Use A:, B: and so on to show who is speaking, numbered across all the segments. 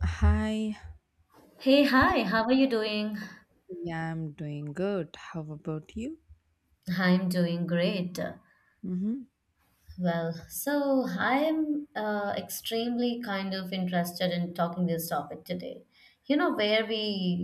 A: Hi,
B: Hey, hi, how are you doing?
A: yeah, I'm doing good. How about you?
B: I'm doing great.
A: hmm
B: Well, I am extremely kind of interested in talking this topic today. You know, where we,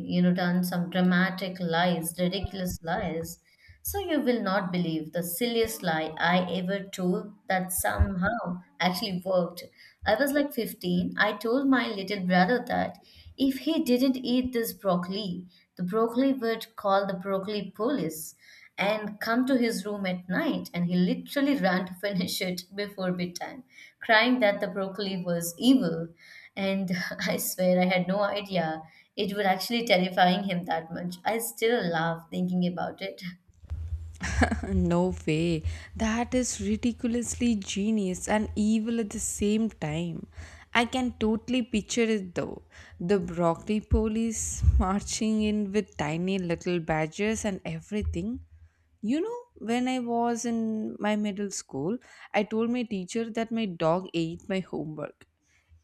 B: you know, done some dramatic lies, ridiculous lies. So you will not believe the silliest lie I ever told that somehow actually worked. I was like 15. I told my little brother that if he didn't eat this broccoli, the broccoli would call the broccoli police and come to his room at night, and he literally ran to finish it before bedtime, crying that the broccoli was evil, and I swear I had no idea it would actually terrifying him that much. I still laugh thinking about it.
A: no way. That is ridiculously genius and evil at the same time. I can totally picture it though. The broccoli police marching in with tiny little badges and everything. You know, when I was in my middle school, I told my teacher that my dog ate my homework.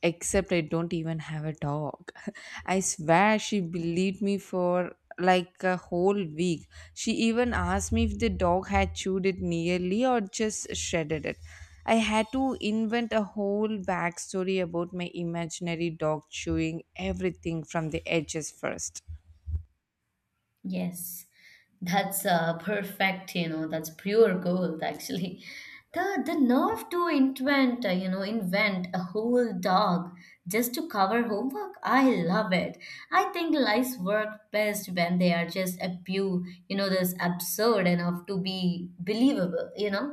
A: Except I don't even have a dog. I swear she believed me for like a whole week. She even asked me if the dog had chewed it nearly or just shredded it. I had to invent a whole backstory about my imaginary dog chewing everything from the edges first.
B: Yes, that's perfect. You know, that's pure gold actually. The nerve to invent, invent a whole dog just to cover homework. I love it. I think lies work best when they are just a few, you know, this absurd enough to be believable. You know,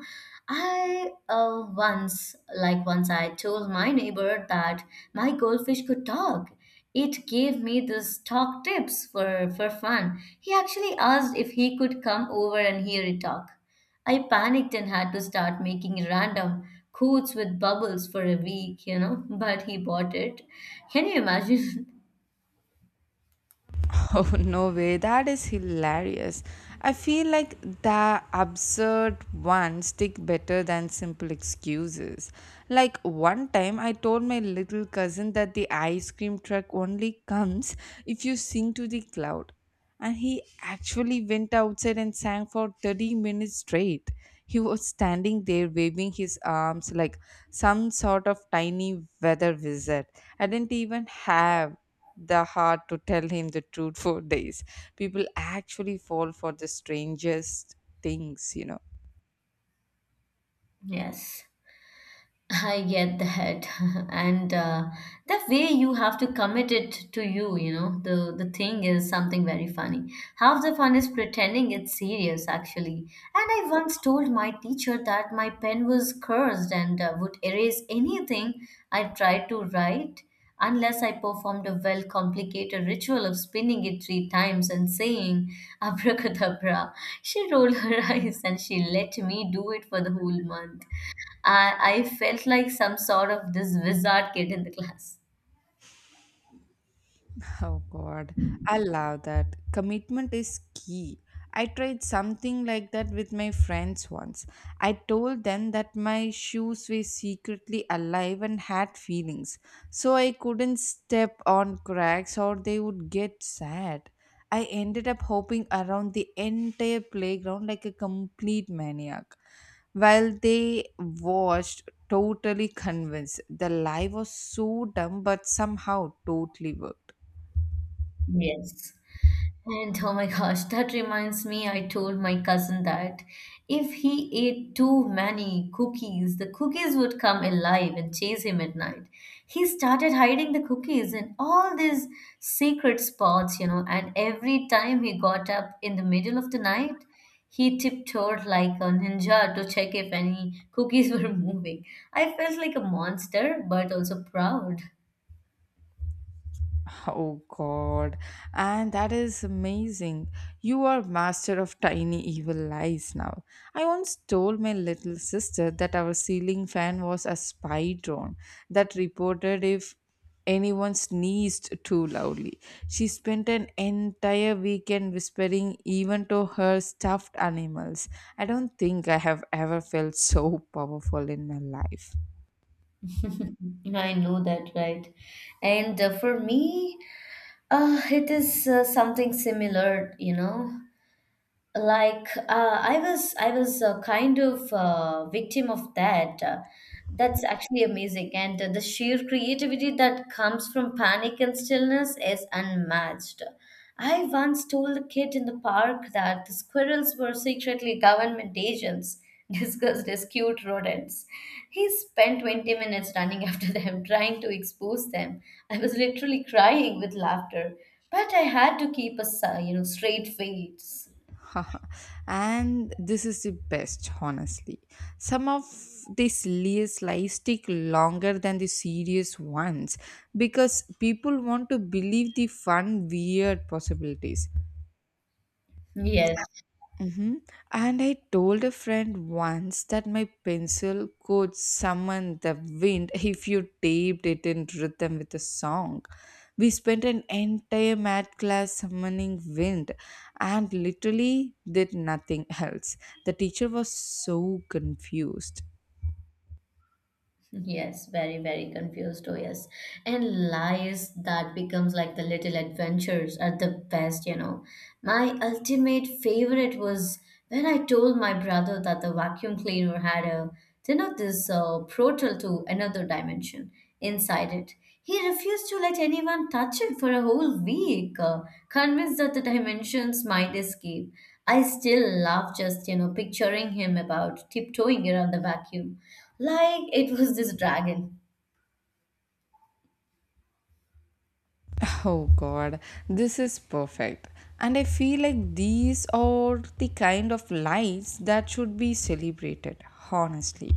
B: I once I told my neighbor that my goldfish could talk. It gave me this talk tips for fun. He actually asked if he could come over and hear it talk. I panicked and had to start making random quotes with bubbles for a week, you know, but he bought it. Can you imagine?
A: Oh, no way. That is hilarious. I feel like the absurd ones stick better than simple excuses. Like one time, I told my little cousin that the ice cream truck only comes if you sing to the cloud. And he actually went outside and sang for 30 minutes straight. He was standing there waving his arms like some sort of tiny weather wizard. I didn't even have the heart to tell him the truth for days. People actually fall for the strangest things.
B: Yes. I get that. And the way you have to commit it to you, you know, the thing is something very funny. Half the fun is pretending it's serious, actually. And I once told my teacher that my pen was cursed and would erase anything I tried to write unless I performed a well complicated ritual of spinning it three times and saying abracadabra. She rolled her eyes and she let me do it for the whole month. I felt like some sort of this wizard kid in the class.
A: Oh God, I love that. Commitment is key. I tried something like that with my friends once. I told them that my shoes were secretly alive and had feelings, so I couldn't step on cracks or they would get sad. I ended up hopping around the entire playground like a complete maniac. While they watched, totally convinced. The lie was so dumb, but somehow totally worked.
B: Yes. And oh my gosh, that reminds me, I told my cousin that if he ate too many cookies, the cookies would come alive and chase him at night. He started hiding the cookies in all these secret spots, you know, and every time he got up in the middle of the night, he tiptoed like a ninja to check if any cookies were moving. I felt like a monster, but also proud.
A: Oh God, and that is amazing. You are master of tiny evil lies now. I once told my little sister that our ceiling fan was a spy drone that reported if anyone sneezed too loudly. She spent an entire weekend whispering even to her stuffed animals. I don't think I have ever felt so powerful in my life.
B: I know that, right? And for me, it is something similar, you know, like I was a kind of victim of that. That's actually amazing, and the sheer creativity that comes from panic and stillness is unmatched. I once told a kid in the park that the squirrels were secretly government agents disguised as cute rodents. He spent 20 minutes running after them trying to expose them. I was literally crying with laughter, but I had to keep a you know straight face.
A: And this is the best, honestly. Some of the silliest lies stick longer than the serious ones because people want to believe the fun, weird possibilities.
B: Yes,
A: Mm-hmm. And I told a friend once that my pencil could summon the wind if you taped it in rhythm with a song. We spent an entire math class summoning wind and literally did nothing else. The teacher was so confused.
B: yes, very, very confused. Oh, yes. And lies that becomes like the little adventures are the best, you know. My ultimate favorite was when I told my brother that the vacuum cleaner had a, you know, this portal to another dimension inside it. He refused to let anyone touch it for a whole week, convinced that the dimensions might escape. I still love just, you know, picturing him about tiptoeing around the vacuum like it was this dragon.
A: Oh god, this is perfect. And I feel like these are the kind of lives that should be celebrated, honestly.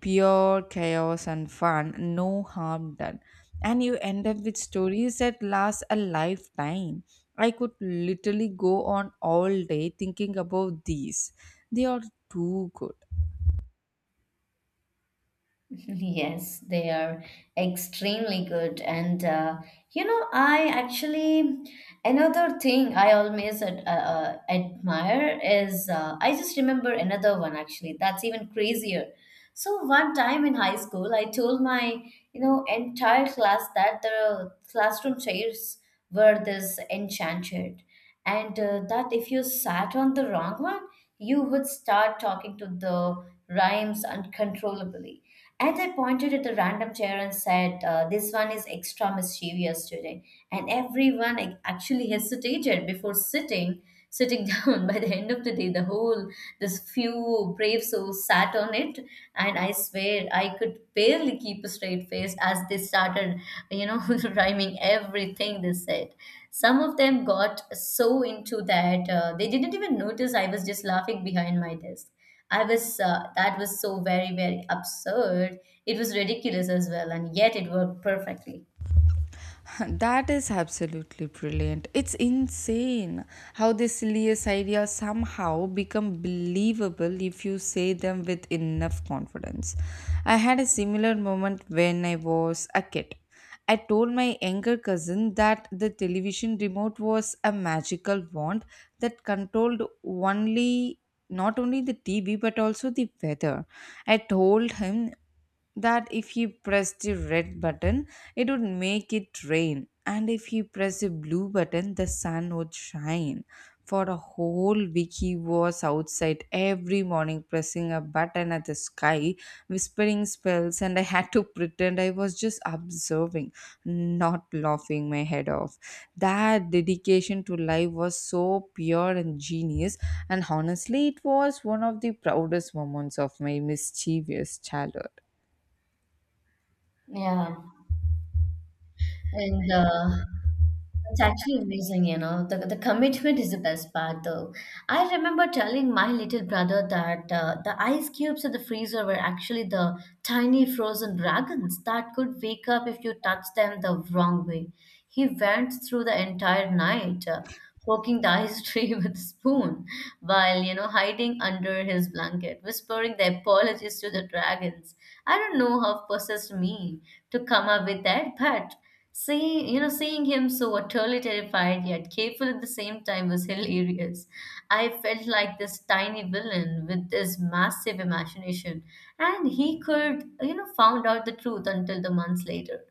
A: Pure chaos and fun, no harm done. And you end up with stories that last a lifetime. I could literally go on all day thinking about these. They are too good.
B: Yes, they are extremely good. And you know, I actually, another thing I always ad admire is I just remember another one actually that's even crazier. So one time in high school, I told my, you know, entire class that the classroom chairs were this enchanted, and that if you sat on the wrong one, you would start talking to the rhymes uncontrollably, and I pointed at a random chair and said, this one is extra mischievous today. And everyone actually hesitated before sitting down. By the end of the day, the whole this few brave souls sat on it, and I swear I could barely keep a straight face as they started, you know, rhyming everything they said. Some of them got so into that they didn't even notice I was just laughing behind my desk. I was that was so very, very absurd. It was ridiculous as well, and yet it worked perfectly.
A: That is absolutely brilliant. It's insane how the silliest ideas somehow become believable if you say them with enough confidence. I had a similar moment when I was a kid. I told my younger cousin that the television remote was a magical wand that controlled only not only the TV but also the weather. I told him that if he pressed the red button, it would make it rain, and if he pressed the blue button, the sun would shine. For a whole week, he was outside every morning pressing a button at the sky, whispering spells, and I had to pretend I was just observing, not laughing my head off. That dedication to life was so pure and genius, and honestly, it was one of the proudest moments of my mischievous childhood.
B: Yeah. And it's actually amazing, you know. The commitment is the best part, though. I remember telling my little brother that the ice cubes in the freezer were actually the tiny frozen dragons that could wake up if you touched them the wrong way. He went through the entire night, poking Tahi's tree with a spoon while, you know, hiding under his blanket, whispering the apologies to the dragons. I don't know how possessed me to come up with that, but seeing, seeing him so utterly terrified yet careful at the same time was hilarious. I felt like this tiny villain with this massive imagination, and he could, you know, found out the truth until the months later.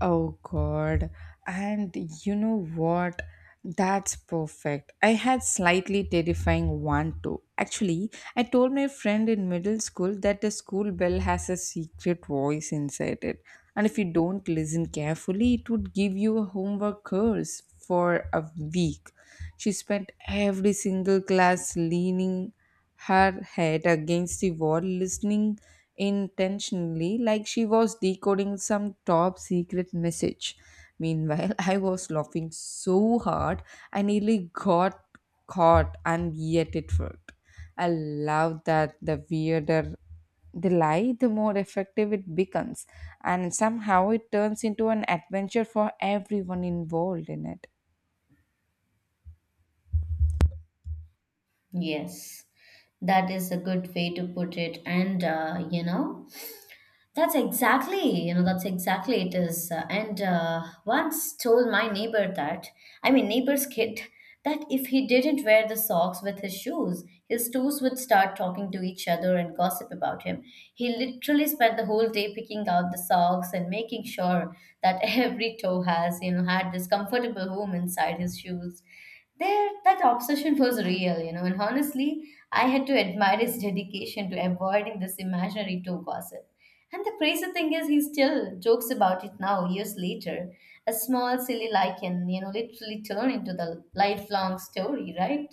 A: Oh God. And you know what? That's perfect. I had slightly terrifying one too. Actually, I told my friend in middle school that the school bell has a secret voice inside it. And if you don't listen carefully, it would give you a homework curse for a week. She spent every single class leaning her head against the wall, listening intentionally like she was decoding some top secret message. Meanwhile, I was laughing so hard I nearly got caught, and yet it worked. I love that the weirder the lie, the more effective it becomes, and somehow it turns into an adventure for everyone involved in it.
B: Yes, that is a good way to put it. And, you know, that's exactly, you know, that's exactly it is. And once told my neighbor that, I mean, neighbor's kid, that if he didn't wear the socks with his shoes, his toes would start talking to each other and gossip about him. He literally spent the whole day picking out the socks and making sure that every toe has, you know, had this comfortable home inside his shoes. There, that obsession was real, you know, and honestly, I had to admire his dedication to avoiding this imaginary toe gossip. And the crazy thing is, he still jokes about it now, years later. A small, silly lichen, you know, literally turn into the lifelong story, right?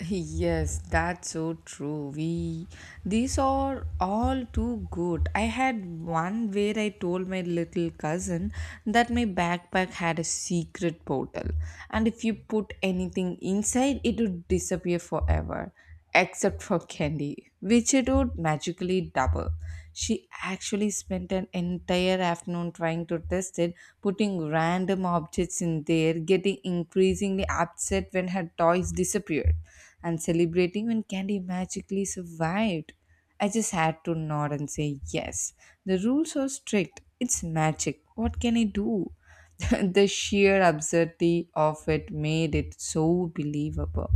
A: Yes, that's so true. We these are all too good. I had one where I told my little cousin that my backpack had a secret portal, and if you put anything inside, it would disappear forever except for candy, which it would magically double. She actually spent an entire afternoon trying to test it, putting random objects in there, getting increasingly upset when her toys disappeared, and celebrating when candy magically survived. I just had to nod and say yes. The rules are strict. It's magic. What can I do? The sheer absurdity of it made it so believable.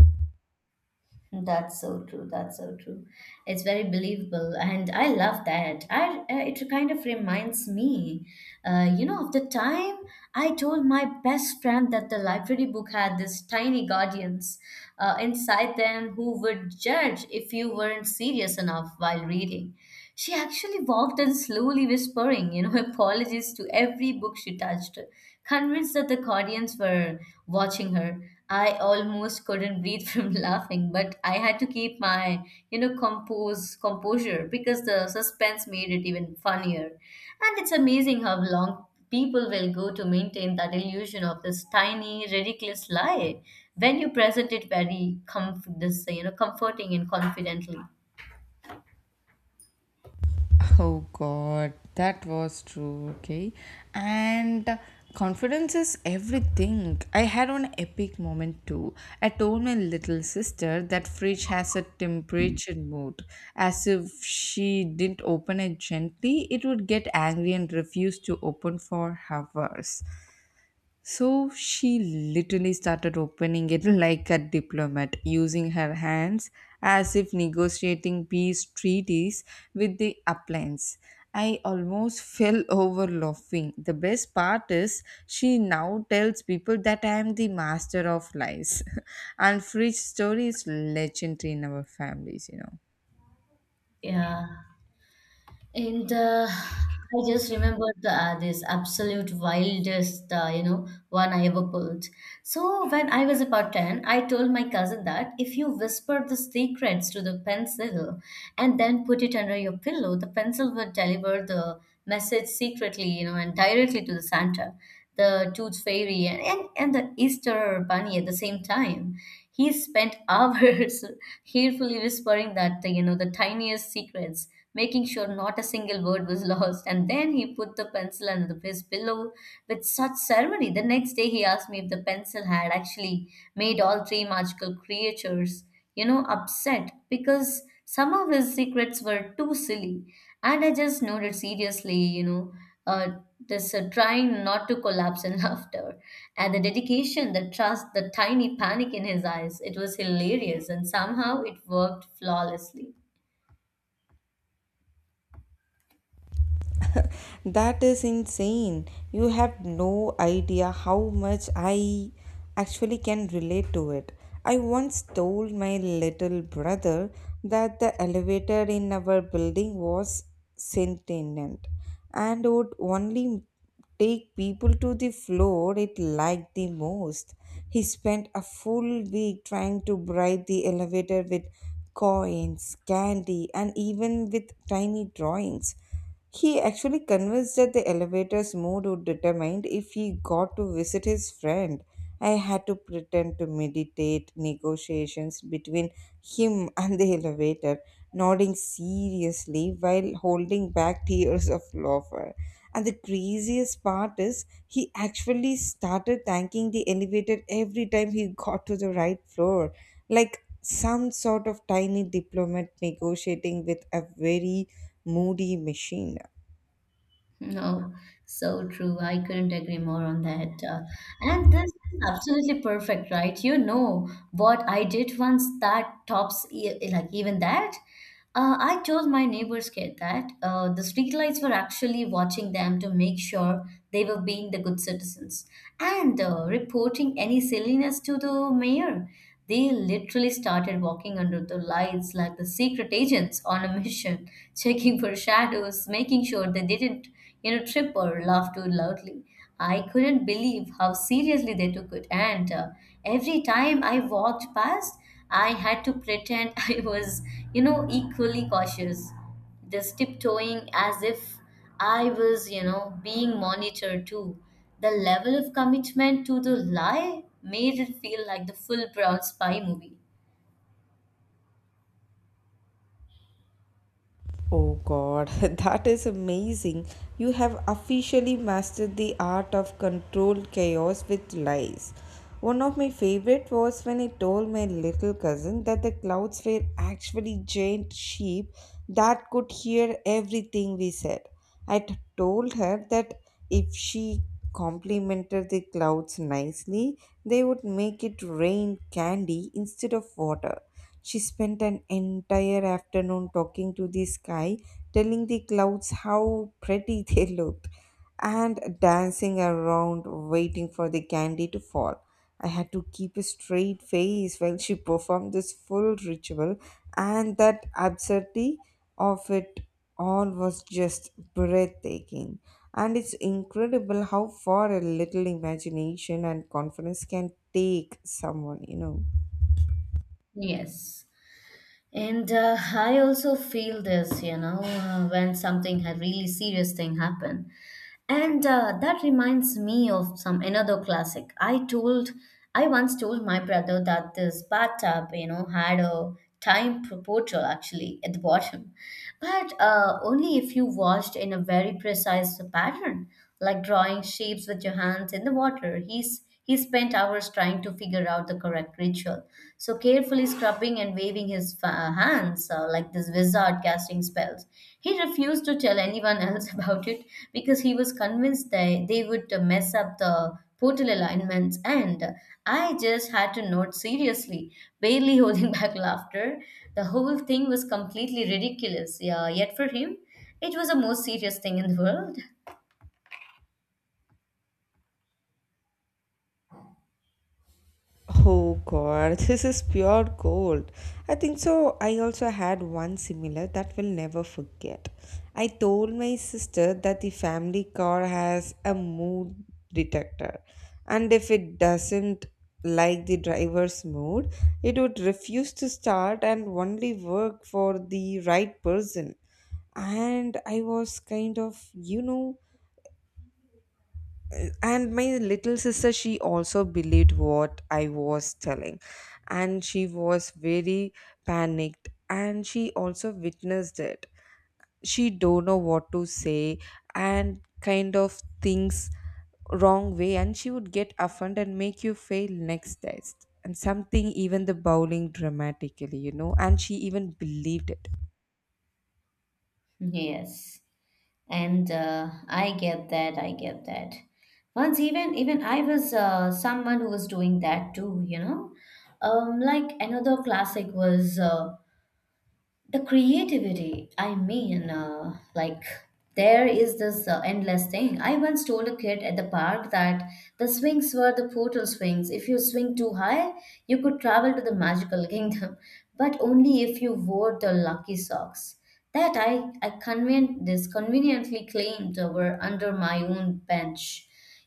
B: That's so true. That's so true. It's very believable, and I love that. I it kind of reminds me, you know, of the time I told my best friend that the library book had these tiny guardians inside them who would judge if you weren't serious enough while reading. She actually walked in slowly, whispering, you know, apologies to every book she touched, convinced that the guardians were watching her. I almost couldn't breathe from laughing, but I had to keep my, you know, compose composure because the suspense made it even funnier. And it's amazing how long people will go to maintain that illusion of this tiny, ridiculous lie when you present it very this, you know, comforting and confidently.
A: Oh God, that was true. Okay, and confidence is everything. I had one epic moment too. I told my little sister that fridge has a temperature mode. As if she didn't open it gently, it would get angry and refuse to open for hours. So she literally started opening it like a diplomat, using her hands as if negotiating peace treaties with the uplands. I almost fell over laughing. The best part is she now tells people that I am the master of lies. And Fridge story is legendary in our families.
B: Yeah. And I just remembered this absolute wildest, you know, one I ever pulled. So when I was about 10, I told my cousin that if you whisper the secrets to the pencil and then put it under your pillow, the pencil would deliver the message secretly, you know, and directly to the Santa, the Tooth Fairy, and, and the Easter Bunny at the same time. He spent hours carefully whispering that, you know, the tiniest secrets, making sure not a single word was lost. And then he put the pencil under his pillow with such ceremony. The next day, he asked me if the pencil had actually made all three magical creatures, you know, upset because some of his secrets were too silly. And I just noted seriously, you know, uh, this trying not to collapse in laughter, and the dedication, the trust, the tiny panic in his eyes. It was hilarious and somehow it worked flawlessly.
A: That is insane. You have no idea how much I actually can relate to it. I once told my little brother that the elevator in our building was sentient and would only take people to the floor it liked the most. He spent a full week trying to bribe the elevator with coins, candy, and even with tiny drawings. He actually convinced that the elevator's mood would determine if he got to visit his friend. I had to pretend to meditate negotiations between him and the elevator, nodding seriously while holding back tears of laughter. And the craziest part is, he actually started thanking the elevator every time he got to the right floor, like some sort of tiny diplomat negotiating with a very Moody Machine.
B: No, so true. I couldn't agree more on that. And this is absolutely perfect, right? You know what I did once that tops like even that. I told my neighbor's kid that the streetlights were actually watching them to make sure they were being the good citizens and reporting any silliness to the mayor. They literally started walking under the lights like the secret agents on a mission, checking for shadows, making sure they didn't, you know, trip or laugh too loudly. I couldn't believe how seriously they took it, and every time I walked past, I had to pretend I was, you know, equally cautious. Just tiptoeing as if I was, you know, being monitored too. The level of commitment to the lie made it feel like the full brown spy movie.
A: Oh god, that is amazing. You have officially mastered the art of controlled chaos with lies. One of my favorite was when I told my little cousin that the clouds were actually giant sheep that could hear everything we said. I told her that if she complimented the clouds nicely, they would make it rain candy instead of water. She spent an entire afternoon talking to the sky, telling the clouds how pretty they looked, and dancing around waiting for the candy to fall. I had to keep a straight face while she performed this full ritual, and that absurdity of it all was just breathtaking. And it's incredible how far a little imagination and confidence can take someone, you know.
B: Yes. And I also feel this, you know, when something had really serious thing happen. And that reminds me of some another classic. I once told my brother that this bathtub, you know, had a time proportional actually at the bottom, but only if you washed in a very precise pattern, like drawing shapes with your hands in the water. He spent hours trying to figure out the correct ritual, so carefully scrubbing and waving his hands like this wizard casting spells. He refused to tell anyone else about it because he was convinced they would mess up the portal alignments, and I just had to note seriously, barely holding back laughter. The whole thing was completely ridiculous, yeah, yet for him, it was the most serious thing in the world.
A: Oh god, this is pure gold. I think so. I also had one similar that will never forget. I told my sister that the family car has a mood detector, and if it doesn't like the driver's mood, it would refuse to start and only work for the right person. And I was kind of, you know, and my little sister, she also believed what I was telling. And she was very panicked, and she also witnessed it. She don't know what to say and kind of things wrong way, and she would get offended and make you fail next test and something even the bowling dramatically, you know, and she even believed it.
B: Yes. And I get that I get that. Once even I was someone who was doing that too, you know. Like another classic was the creativity, I mean, like there is this endless thing. I once told a kid at the park that the swings were the portal swings. If you swing too high, you could travel to the magical kingdom, but only if you wore the lucky socks that this conveniently claimed were under my own bench.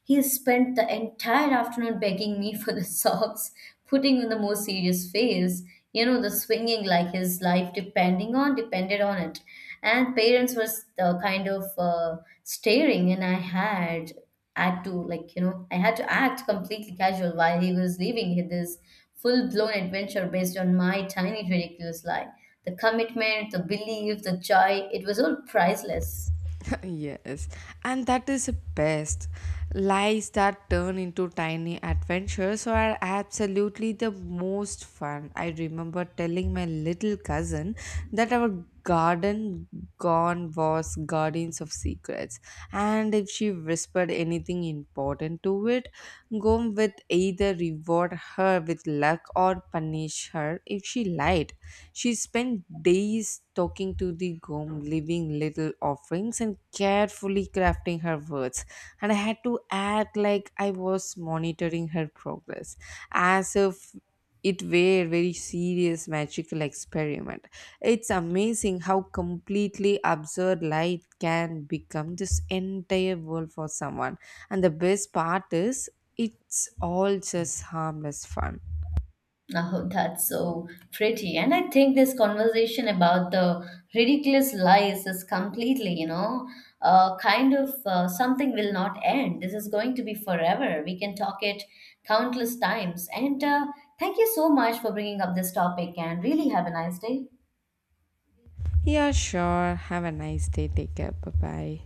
B: He spent the entire afternoon begging me for the socks, putting on the most serious face, you know, the swinging like his life depending on depended on it. And parents were the kind of staring, and I had had to like you know I had to act completely casual while he was living this full blown adventure based on my tiny ridiculous lie. The commitment, the belief, the joy, it was all priceless.
A: Yes, and that is the best. Lies that turn into tiny adventures are absolutely the most fun. I remember telling my little cousin that our garden gone was guardians of secrets, and if she whispered anything important to it, Gom would either reward her with luck or punish her if she lied. She spent days talking to the gom, leaving little offerings and carefully crafting her words. And I had to act like I was monitoring her progress, as if it were a very serious magical experiment. It's amazing how completely absurd light can become this entire world for someone. And the best part is, it's all just harmless fun.
B: Oh, that's so pretty. And I think this conversation about the ridiculous lies is completely, you know, something will not end. This is going to be forever. We can talk it countless times. And thank you so much for bringing up this topic and really have a nice day.
A: Yeah, sure. Have a nice day. Take care. Bye bye.